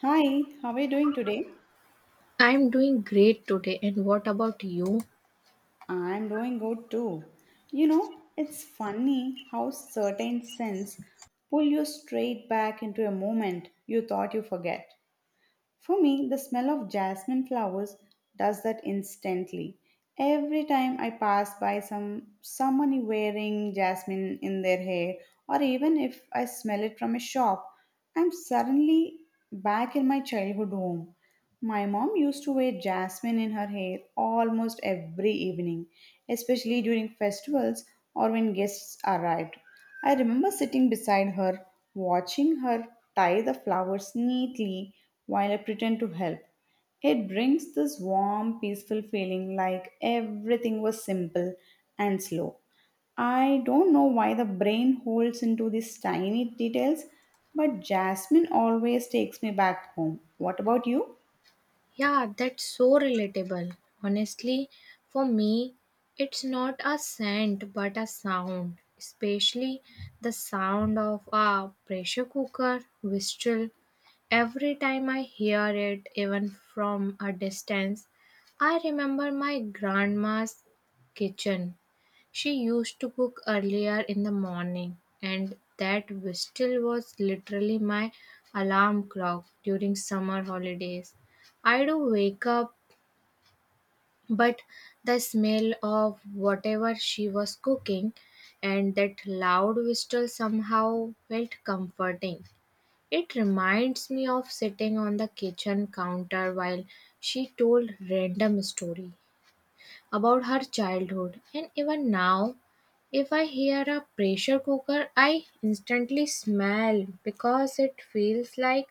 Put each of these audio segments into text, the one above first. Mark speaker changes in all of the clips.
Speaker 1: Hi, how are you doing today?
Speaker 2: I'm doing great today, and what about you?
Speaker 1: I'm doing good too. You know, it's funny how certain scents pull you straight back into a moment you thought you forget. For me, the smell of jasmine flowers does that instantly. Every time I pass by someone wearing jasmine in their hair, or even if I smell it from a shop, I'm suddenly back in my childhood home. My mom used to wear jasmine in her hair almost every evening, especially during festivals or when guests arrived. I remember sitting beside her, watching her tie the flowers neatly while I pretend to help. It brings this warm, peaceful feeling like everything was simple and slow. I don't know why the brain holds into these tiny details, but jasmine always takes me back home. What about you?
Speaker 2: Yeah, that's so relatable. Honestly, for me, it's not a scent but a sound, especially the sound of a pressure cooker whistle. Every time I hear it, even from a distance, I remember my grandma's kitchen. She used to cook earlier in the morning, and that whistle was literally my alarm clock during summer holidays. I do wake up, but the smell of whatever she was cooking and that loud whistle somehow felt comforting. It reminds me of sitting on the kitchen counter while she told random story about her childhood, and even now if I hear a pressure cooker I instantly smell because it feels like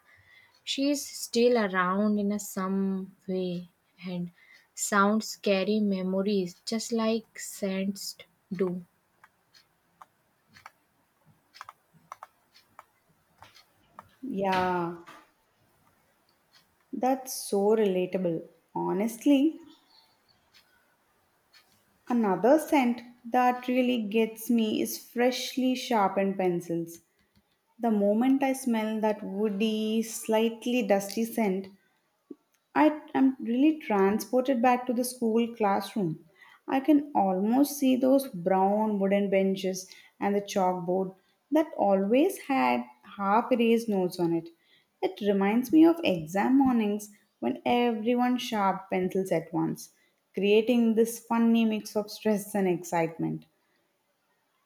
Speaker 2: she's still around in a some way, and sounds carry memories just like scents do.
Speaker 1: Yeah, that's so relatable. Honestly, another scent that really gets me is freshly sharpened pencils. The moment I smell that woody, slightly dusty scent, I am really transported back to the school classroom. I can almost see those brown wooden benches and the chalkboard that always had half erased notes on it. It reminds me of exam mornings when everyone sharp pencils at once, creating this funny mix of stress and excitement.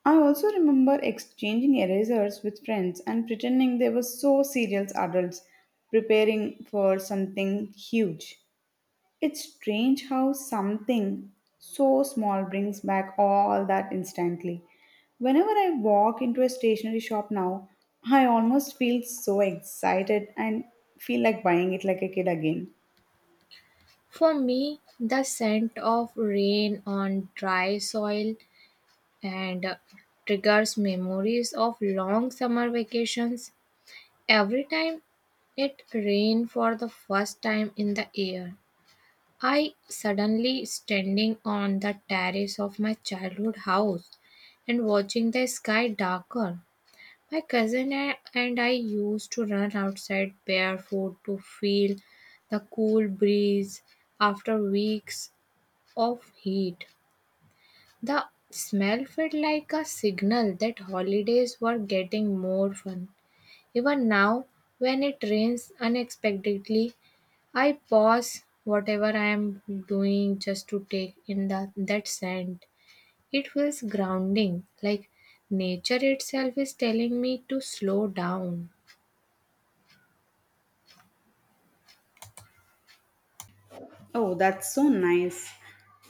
Speaker 1: I also remember exchanging erasers with friends and pretending they were so serious adults preparing for something huge. It's strange how something so small brings back all that instantly. Whenever I walk into a stationery shop now, I almost feel so excited and feel like buying it like a kid again.
Speaker 2: For me, the scent of rain on dry soil and triggers memories of long summer vacations. Every time it rained for the first time in the year, I suddenly standing on the terrace of my childhood house and watching the sky darker. My cousin and I used to run outside barefoot to feel the cool breeze after weeks of heat. The smell felt like a signal that holidays were getting more fun. Even now, when it rains unexpectedly, I pause whatever I am doing just to take in that scent. It feels grounding, like nature itself is telling me to slow down.
Speaker 1: Oh, that's so nice.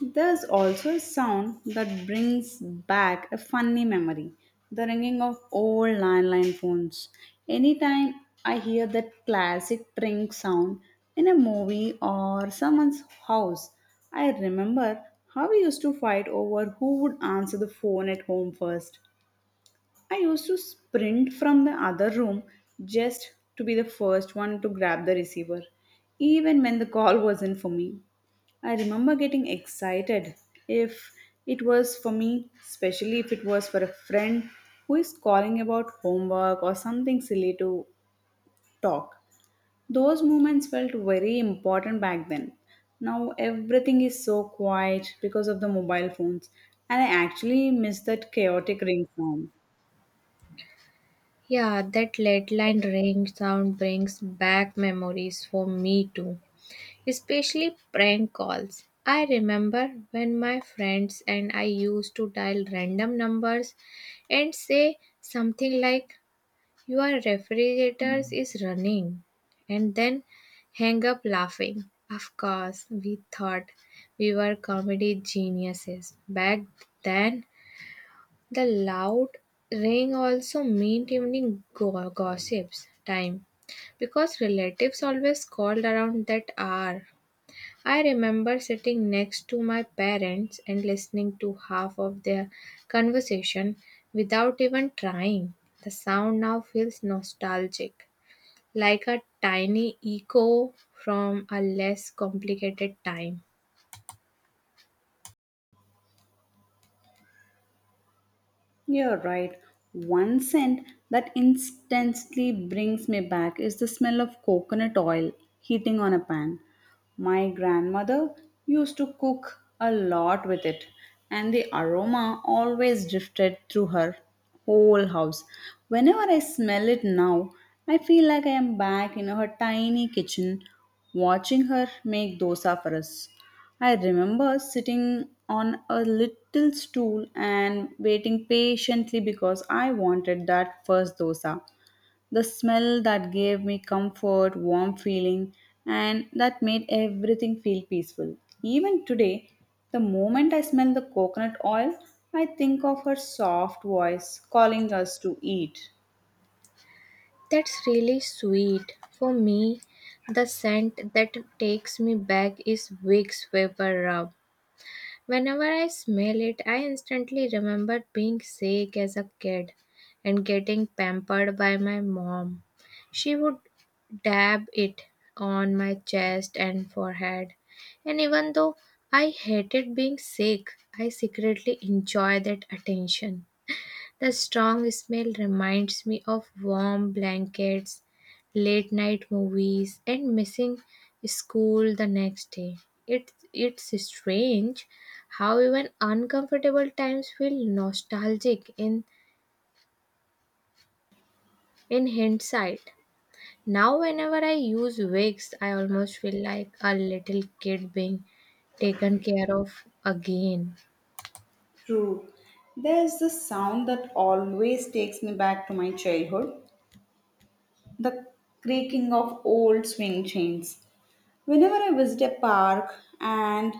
Speaker 1: There's also a sound that brings back a funny memory, the ringing of old landline phones. Anytime I hear that classic tring sound in a movie or someone's house, I remember how we used to fight over who would answer the phone at home first. I used to sprint from the other room just to be the first one to grab the receiver, even when the call wasn't for me. I remember getting excited if it was for me, especially if it was for a friend who is calling about homework or something silly to talk. Those moments felt very important back then. Now everything is so quiet because of the mobile phones, and I actually miss that chaotic ring sound.
Speaker 2: Yeah, that leadline ring sound brings back memories for me too, especially prank calls. I remember when my friends and I used to dial random numbers and say something like, "Your refrigerator is running," and then hang up laughing. Of course, we thought we were comedy geniuses back then. The loud ring also meant evening gossips time because relatives always called around that hour. I remember sitting next to my parents and listening to half of their conversation without even trying. The sound now feels nostalgic, like a tiny echo from a less complicated time.
Speaker 1: You're right. One scent that instantly brings me back is the smell of coconut oil heating on a pan. My grandmother used to cook a lot with it, and the aroma always drifted through her whole house. Whenever I smell it now, I feel like I am back in her tiny kitchen watching her make dosa for us. I remember sitting on a little stool and waiting patiently because I wanted that first dosa. The smell that gave me comfort, warm feeling, and that made everything feel peaceful. Even today, the moment I smell the coconut oil, I think of her soft voice calling us to eat.
Speaker 2: That's really sweet. For me, the scent that takes me back is Vicks Vapor Rub. Whenever I smell it, I instantly remember being sick as a kid and getting pampered by my mom. She would dab it on my chest and forehead. And even though I hated being sick, I secretly enjoy that attention. The strong smell reminds me of warm blankets, late night movies, and missing school the next day. It's strange how even uncomfortable times feel nostalgic in hindsight. Now, whenever I use wigs, I almost feel like a little kid being taken care of again.
Speaker 1: True. There's the sound that always takes me back to my childhood, the creaking of old swing chains. Whenever I visit a park and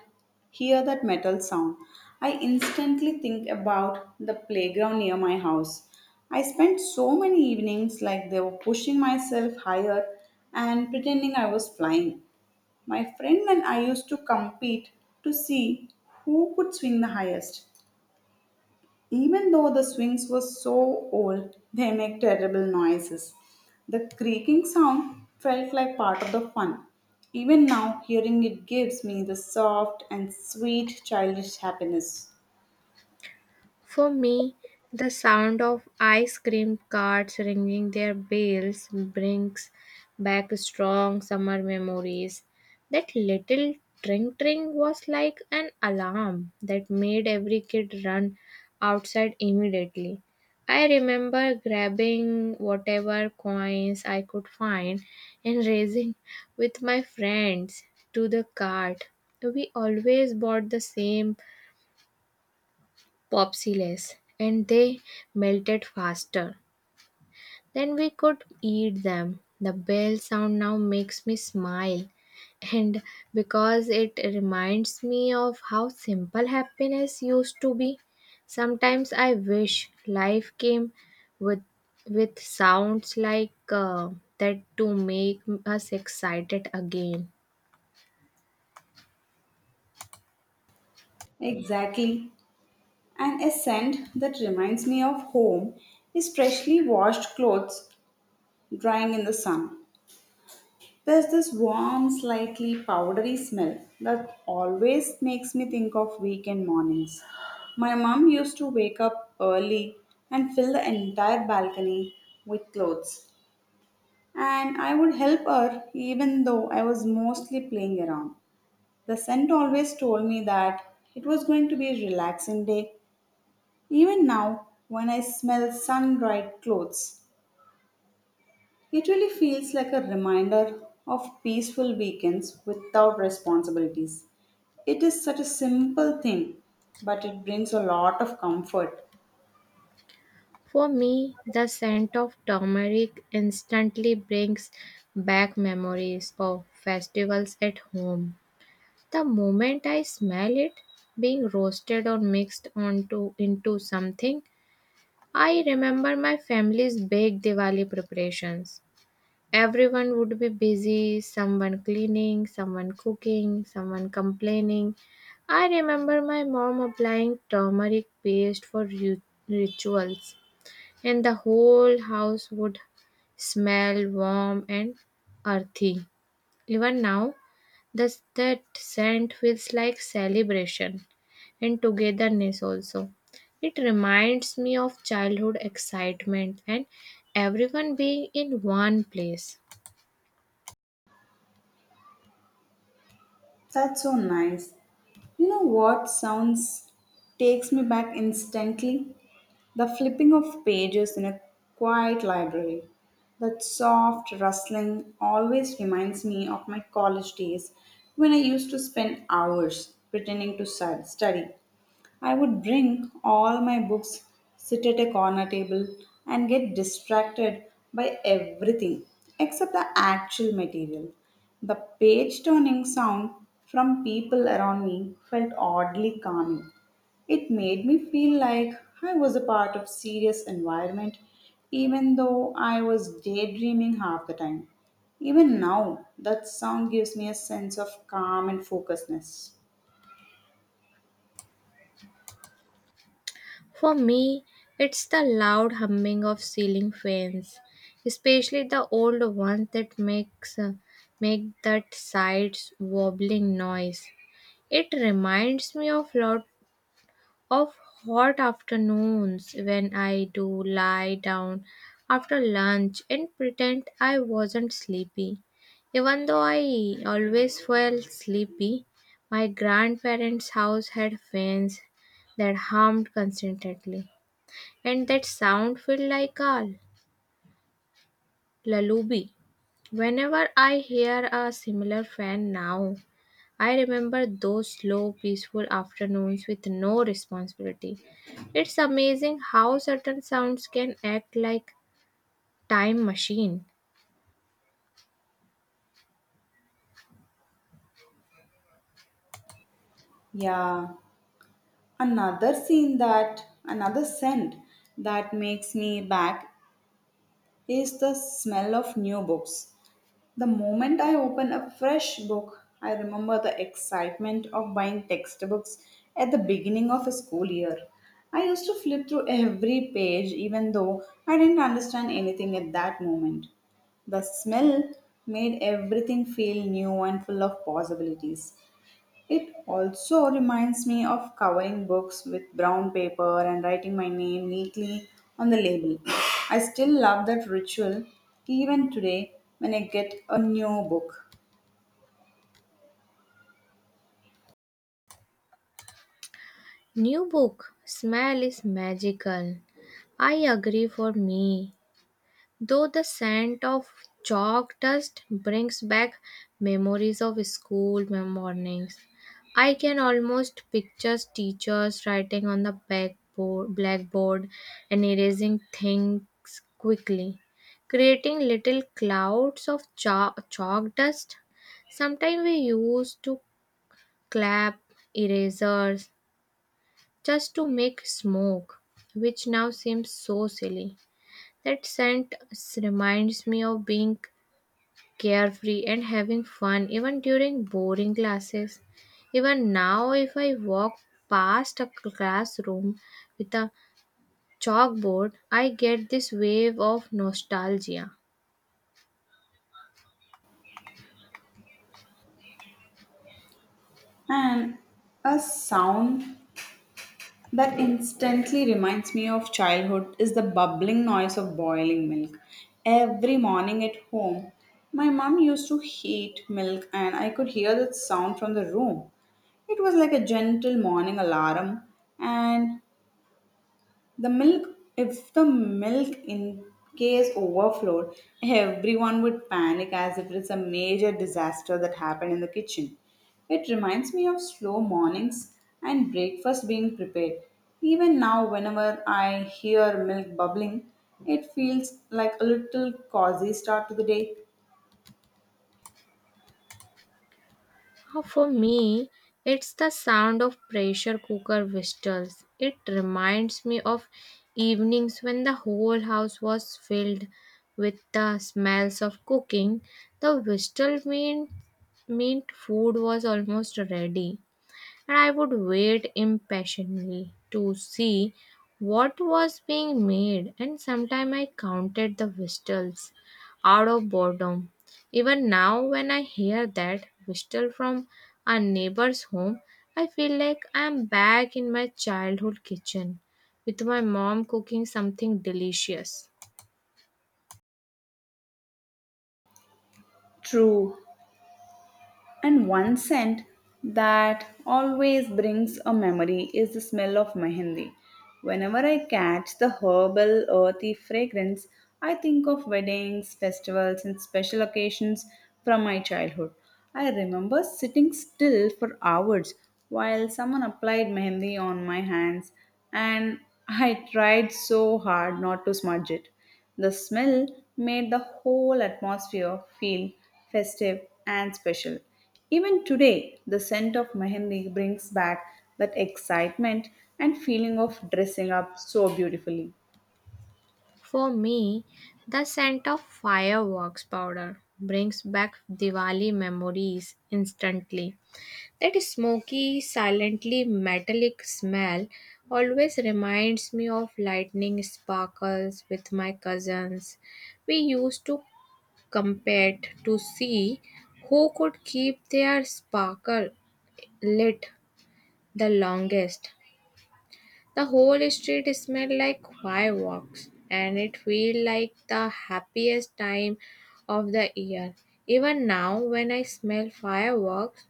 Speaker 1: hear that metal sound, I instantly think about the playground near my house. I spent so many evenings like they were pushing myself higher and pretending I was flying. My friend and I used to compete to see who could swing the highest. Even though the swings were so old, they make terrible noises. The creaking sound felt like part of the fun. Even now, hearing it gives me the soft and sweet childish happiness.
Speaker 2: For me, the sound of ice cream carts ringing their bells brings back strong summer memories. That little tring tring was like an alarm that made every kid run outside immediately. I remember grabbing whatever coins I could find and racing with my friends to the cart. We always bought the same popsicles, and they melted faster than we could eat them. The bell sound now makes me smile, and because it reminds me of how simple happiness used to be. Sometimes I wish life came with with sounds like that to make us excited again.
Speaker 1: Exactly. And a scent that reminds me of home is freshly washed clothes drying in the sun. There's this warm, slightly powdery smell that always makes me think of weekend mornings. My mom used to wake up early and fill the entire balcony with clothes, and I would help her even though I was mostly playing around. The scent always told me that it was going to be a relaxing day, even now when I smell sun dried clothes. It really feels like a reminder of peaceful weekends without responsibilities. It is such a simple thing, but it brings a lot of comfort.
Speaker 2: For me, the scent of turmeric instantly brings back memories of festivals at home. The moment I smell it being roasted or mixed onto into something, I remember my family's big Diwali preparations. Everyone would be busy, someone cleaning, someone cooking, someone complaining. I remember my mom applying turmeric paste for rituals, and the whole house would smell warm and earthy. Even now, that scent feels like celebration and togetherness also. It reminds me of childhood excitement and everyone being in one place.
Speaker 1: That's so nice. You know what sounds takes me back instantly? The flipping of pages in a quiet library. That soft rustling always reminds me of my college days when I used to spend hours pretending to study. I would bring all my books, sit at a corner table, and get distracted by everything except the actual material. The page turning sound from people around me felt oddly calming. It made me feel like I was a part of serious environment even though I was daydreaming half the time. Even now, that sound gives me a sense of calm and focusedness.
Speaker 2: For me, it's the loud humming of ceiling fans, especially the old ones that make that sides wobbling noise. It reminds me of lot of hot afternoons when I do lie down after lunch and pretend I wasn't sleepy. Even though I always felt sleepy, my grandparents' house had fans that hummed constantly, and that sound felt like a lullaby. Whenever I hear a similar fan now, I remember those slow, peaceful afternoons with no responsibility. It's amazing how certain sounds can act like time machine.
Speaker 1: Yeah, another scent that makes me back is the smell of new books. The moment I open a fresh book, I remember the excitement of buying textbooks at the beginning of a school year. I used to flip through every page even though I didn't understand anything at that moment. The smell made everything feel new and full of possibilities. It also reminds me of covering books with brown paper and writing my name neatly on the label. I still love that ritual even today when I get a new book.
Speaker 2: New book smell is magical. I agree. For me, though, the scent of chalk dust brings back memories of school mornings. I can almost picture teachers writing on the blackboard and erasing things quickly, creating little clouds of chalk dust. Sometimes we used to clap erasers just to make smoke, which now seems so silly. That scent reminds me of being carefree and having fun even during boring classes. Even now, if I walk past a classroom with a chalkboard, I get this wave of nostalgia.
Speaker 1: And a sound that instantly reminds me of childhood is the bubbling noise of boiling milk. Every morning at home, my mum used to heat milk and I could hear that sound from the room. It was like a gentle morning alarm and the milk, if the milk in case overflowed, everyone would panic as if it's a major disaster that happened in the kitchen. It reminds me of slow mornings and breakfast being prepared. Even now, whenever I hear milk bubbling, it feels like a little cozy start to the day.
Speaker 2: For me, it's the sound of pressure cooker whistles. It reminds me of evenings when the whole house was filled with the smells of cooking. The whistle meant food was almost ready, and I would wait impatiently to see what was being made, and sometimes I counted the whistles out of boredom. Even now, when I hear that whistle from a neighbor's home, I feel like I am back in my childhood kitchen with my mom cooking something delicious.
Speaker 1: True, and one scent that always brings a memory is the smell of mehendi. Whenever I catch the herbal, earthy fragrance, I think of weddings, festivals, and special occasions from my childhood. I remember sitting still for hours while someone applied mehendi on my hands, and I tried so hard not to smudge it. The smell made the whole atmosphere feel festive and special. Even today, the scent of mehendi brings back that excitement and feeling of dressing up so beautifully.
Speaker 2: For me, the scent of fireworks powder brings back Diwali memories instantly. That smoky, silently metallic smell always reminds me of lightning sparkles with my cousins. We used to compete to see who could keep their sparkle lit the longest. The whole street smelled like fireworks, and it felt like the happiest time of the year. Even now, when I smell fireworks,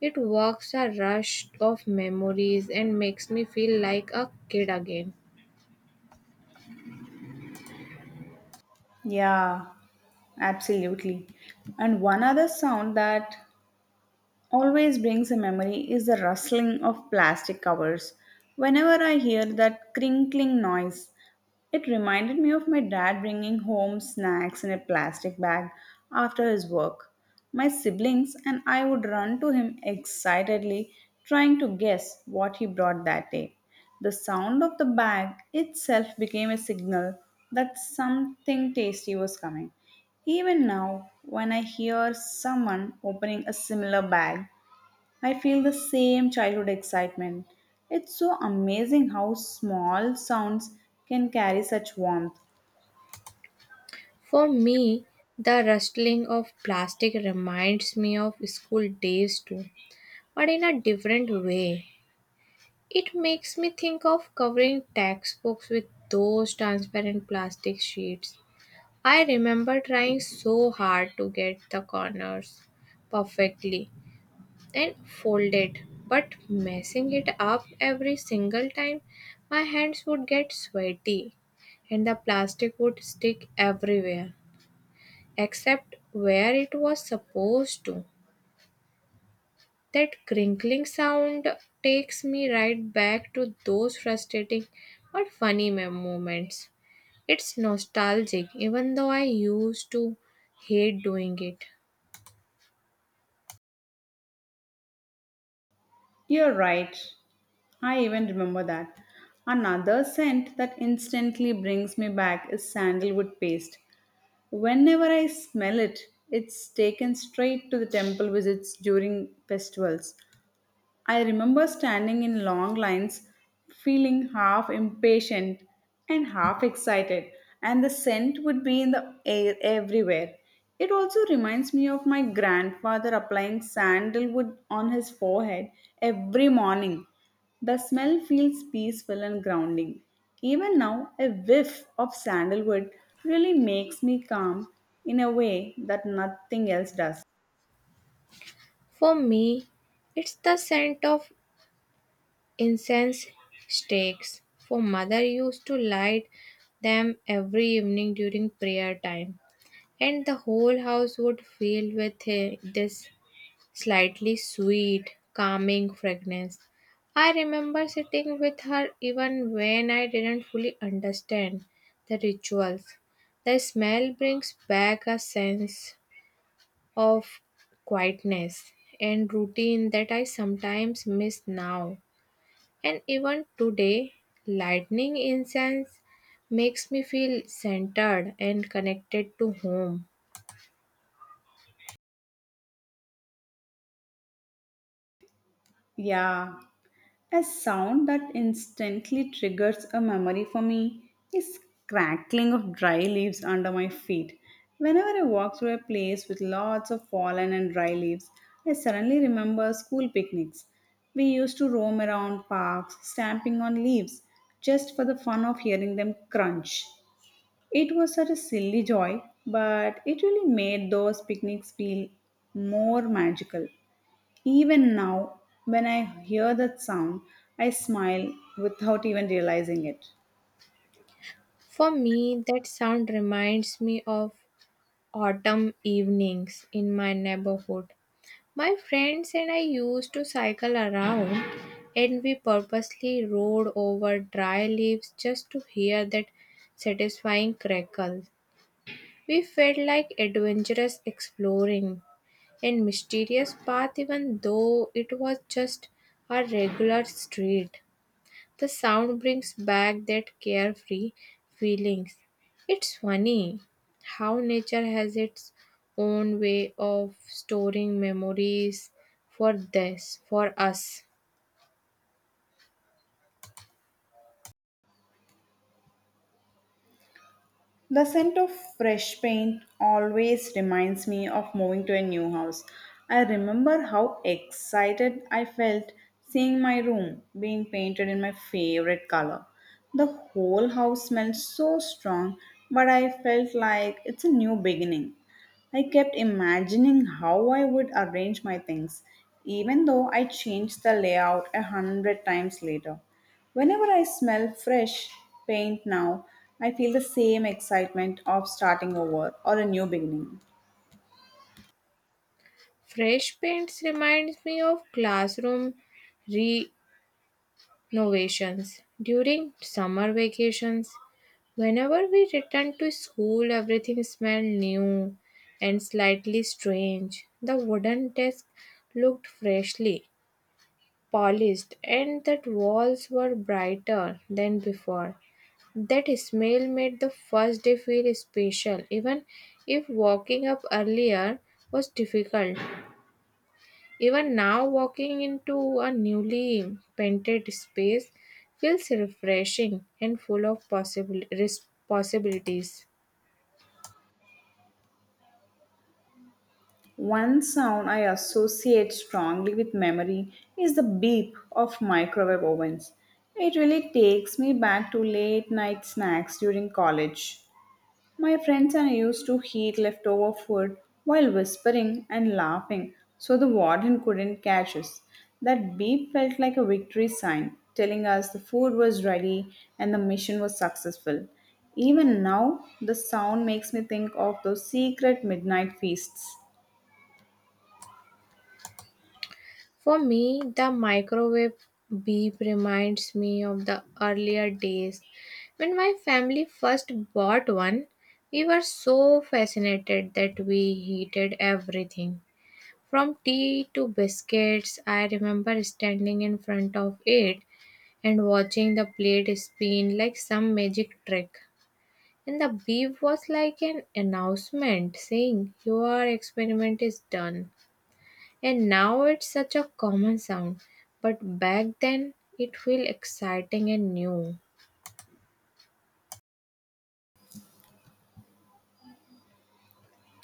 Speaker 2: it works a rush of memories and makes me feel like a kid again.
Speaker 1: Yeah, absolutely. And one other sound that always brings a memory is the rustling of plastic covers. Whenever I hear that crinkling noise, it reminded me of my dad bringing home snacks in a plastic bag after his work. My siblings and I would run to him excitedly, trying to guess what he brought that day. The sound of the bag itself became a signal that something tasty was coming. Even now, when I hear someone opening a similar bag, I feel the same childhood excitement. It's so amazing how small sounds can carry such warmth.
Speaker 2: For me, the rustling of plastic reminds me of school days too, but in a different way. It makes me think of covering textbooks with those transparent plastic sheets. I remember trying so hard to get the corners perfectly and folded, but messing it up every single time. My hands would get sweaty and the plastic would stick everywhere except where it was supposed to. That crinkling sound takes me right back to those frustrating but funny moments. It's nostalgic, even though I used to hate doing it.
Speaker 1: You're right. I even remember that. Another scent that instantly brings me back is sandalwood paste. Whenever I smell it, it's taken straight to the temple visits during festivals. I remember standing in long lines, feeling half impatient and half excited, and the scent would be in the air everywhere. It also reminds me of my grandfather applying sandalwood on his forehead every morning. The smell feels peaceful and grounding. Even now, a whiff of sandalwood really makes me calm in a way that nothing else does.
Speaker 2: For me, it's the scent of incense sticks. For mother used to light them every evening during prayer time, and the whole house would fill with this slightly sweet, calming fragrance. I remember sitting with her even when I didn't fully understand the rituals. The smell brings back a sense of quietness and routine that I sometimes miss now. And even today, lightning incense makes me feel centered and connected to home.
Speaker 1: Yeah, a sound that instantly triggers a memory for me is crackling of dry leaves under my feet. Whenever I walk through a place with lots of fallen and dry leaves, I suddenly remember school picnics. We used to roam around parks, stamping on leaves just for the fun of hearing them crunch. It was such a silly joy, but it really made those picnics feel more magical. Even now, when I hear that sound, I smile without even realizing it.
Speaker 2: For me, that sound reminds me of autumn evenings in my neighborhood. My friends and I used to cycle around, and we purposely rode over dry leaves just to hear that satisfying crackle. We felt like adventurous exploring and mysterious path even though it was just a regular street. The sound brings back that carefree feelings. It's funny how nature has its own way of storing memories for us.
Speaker 1: The scent of fresh paint always reminds me of moving to a new house. I remember how excited I felt seeing my room being painted in my favorite color. The whole house smelled so strong, but I felt like it's a new beginning. I kept imagining how I would arrange my things, even though I changed the layout a hundred times later. Whenever I smell fresh paint now, I feel the same excitement of starting over or a new beginning.
Speaker 2: Fresh paints reminds me of classroom renovations during summer vacations. Whenever we returned to school, everything smelled new and slightly strange. The wooden desk looked freshly polished, and the walls were brighter than before. That smell made the first day feel special, even if walking up earlier was difficult. Even now, walking into a newly painted space feels refreshing and full of possible possibilities.
Speaker 1: One sound I associate strongly with memory is the beep of microwave ovens. It really takes me back to late night snacks during college. My friends and I used to heat leftover food while whispering and laughing so the warden couldn't catch us. That beep felt like a victory sign, telling us the food was ready and the mission was successful. Even now, the sound makes me think of those secret midnight feasts.
Speaker 2: For me, the microwave beep reminds me of the earlier days when my family first bought one. We were so fascinated that we heated everything from tea to biscuits. I remember standing in front of it and watching the plate spin like some magic trick. And the beep was like an announcement saying, "Your experiment is done." And now it's such a common sound, but back then it felt exciting and new.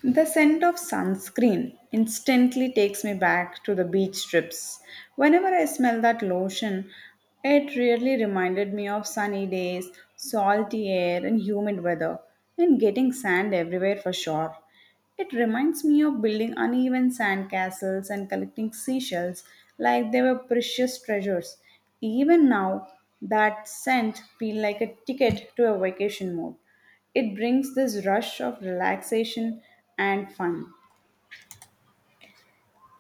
Speaker 1: The scent of sunscreen instantly takes me back to the beach trips. Whenever I smell that lotion, it really reminded me of sunny days, salty air, and humid weather, and getting sand everywhere for sure. It reminds me of building uneven sand castles and collecting seashells like they were precious treasures. Even now, that scent feels like a ticket to a vacation mode. It brings this rush of relaxation and fun.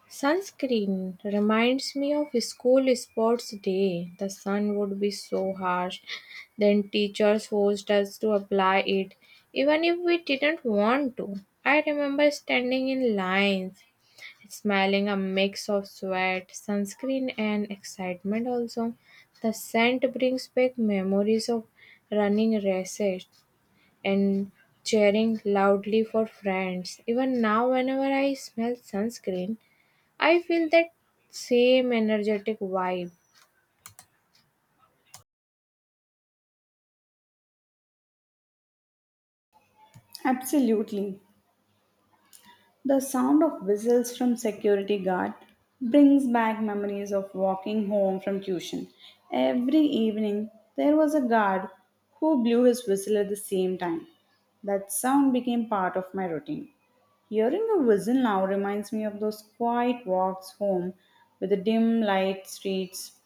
Speaker 2: Sunscreen reminds me of school sports day. The sun would be so harsh, then teachers forced us to apply it, even if we didn't want to. I remember standing in lines, smelling a mix of sweat, sunscreen, and excitement also. The scent brings back memories of running races and cheering loudly for friends. Even now, whenever I smell sunscreen, I feel that same energetic vibe.
Speaker 1: Absolutely. The sound of whistles from security guard brings back memories of walking home from tuition. Every evening there was a guard who blew his whistle at the same time. That sound became part of my routine. Hearing a whistle now reminds me of those quiet walks home with the dim light streets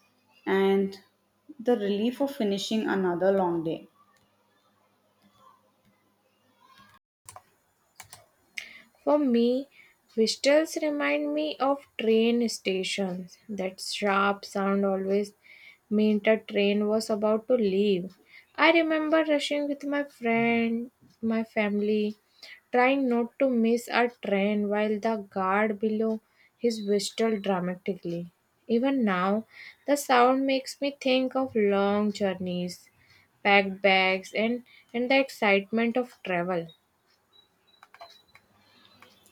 Speaker 1: and the relief of finishing another long day.
Speaker 2: For me, whistles remind me of train stations. That sharp sound always meant a train was about to leave. I remember rushing with my friend, my family, trying not to miss a train while the guard below his whistled dramatically. Even now, the sound makes me think of long journeys, packed bags, and the excitement of travel.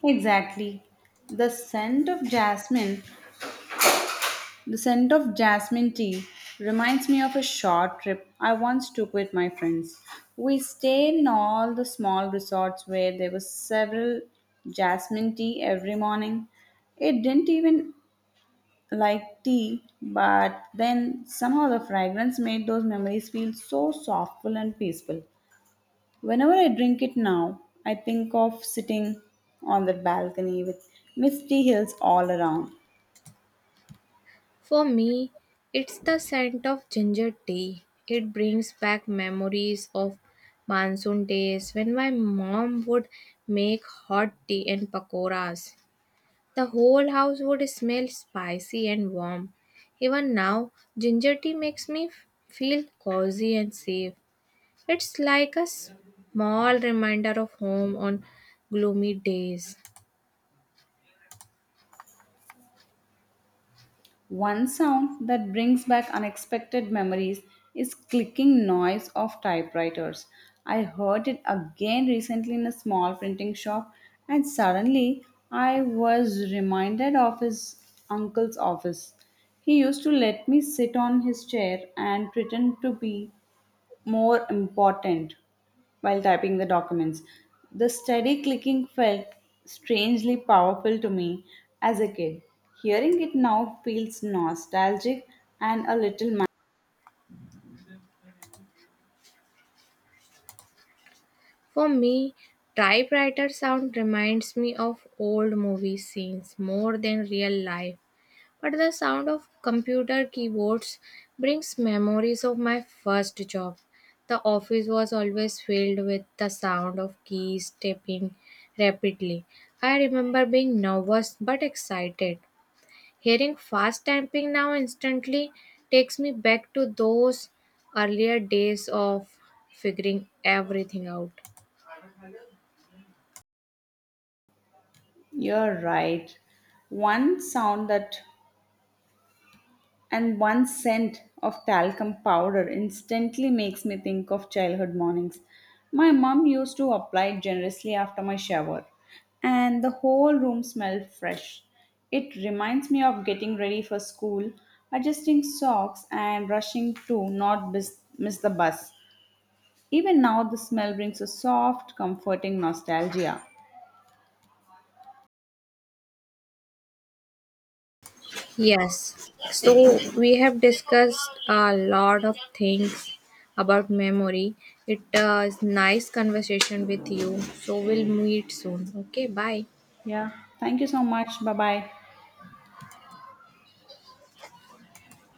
Speaker 1: Exactly. The scent of jasmine, the scent of jasmine tea reminds me of a short trip I once took with my friends. We stayed in all the small resorts where there was several jasmine tea every morning. It didn't even like tea, but then somehow the fragrance made those memories feel so softful and peaceful. Whenever I drink it now, I think of sitting on the balcony with misty hills all around.
Speaker 2: For me, it's the scent of ginger tea. It brings back memories of monsoon days when my mom would make hot tea and pakoras. The whole house would smell spicy and warm. Even now, ginger tea makes me feel cozy and safe. It's like a small reminder of home on gloomy days.
Speaker 1: One sound that brings back unexpected memories is clicking noise of typewriters. I heard it again recently in a small printing shop and suddenly I was reminded of his uncle's office. He used to let me sit on his chair and pretend to be more important while typing the documents. The steady clicking felt strangely powerful to me as a kid. Hearing it now feels nostalgic and a little.
Speaker 2: For me, typewriter sound reminds me of old movie scenes more than real life. But the sound of computer keyboards brings memories of my first job. The office was always filled with the sound of keys tapping rapidly. I remember being nervous but excited. Hearing fast typing now instantly takes me back to those earlier days of figuring everything out.
Speaker 1: You're right. One sound that and one scent of talcum powder instantly makes me think of childhood mornings. My mum used to apply it generously after my shower, and the whole room smelled fresh. It reminds me of getting ready for school, adjusting socks, and rushing to not miss the bus. Even now, the smell brings a soft, comforting nostalgia.
Speaker 2: Yes, so we have discussed a lot of things about memory. It is nice conversation with you. So we'll meet soon. Okay, bye.
Speaker 1: Yeah, thank you so much. Bye bye.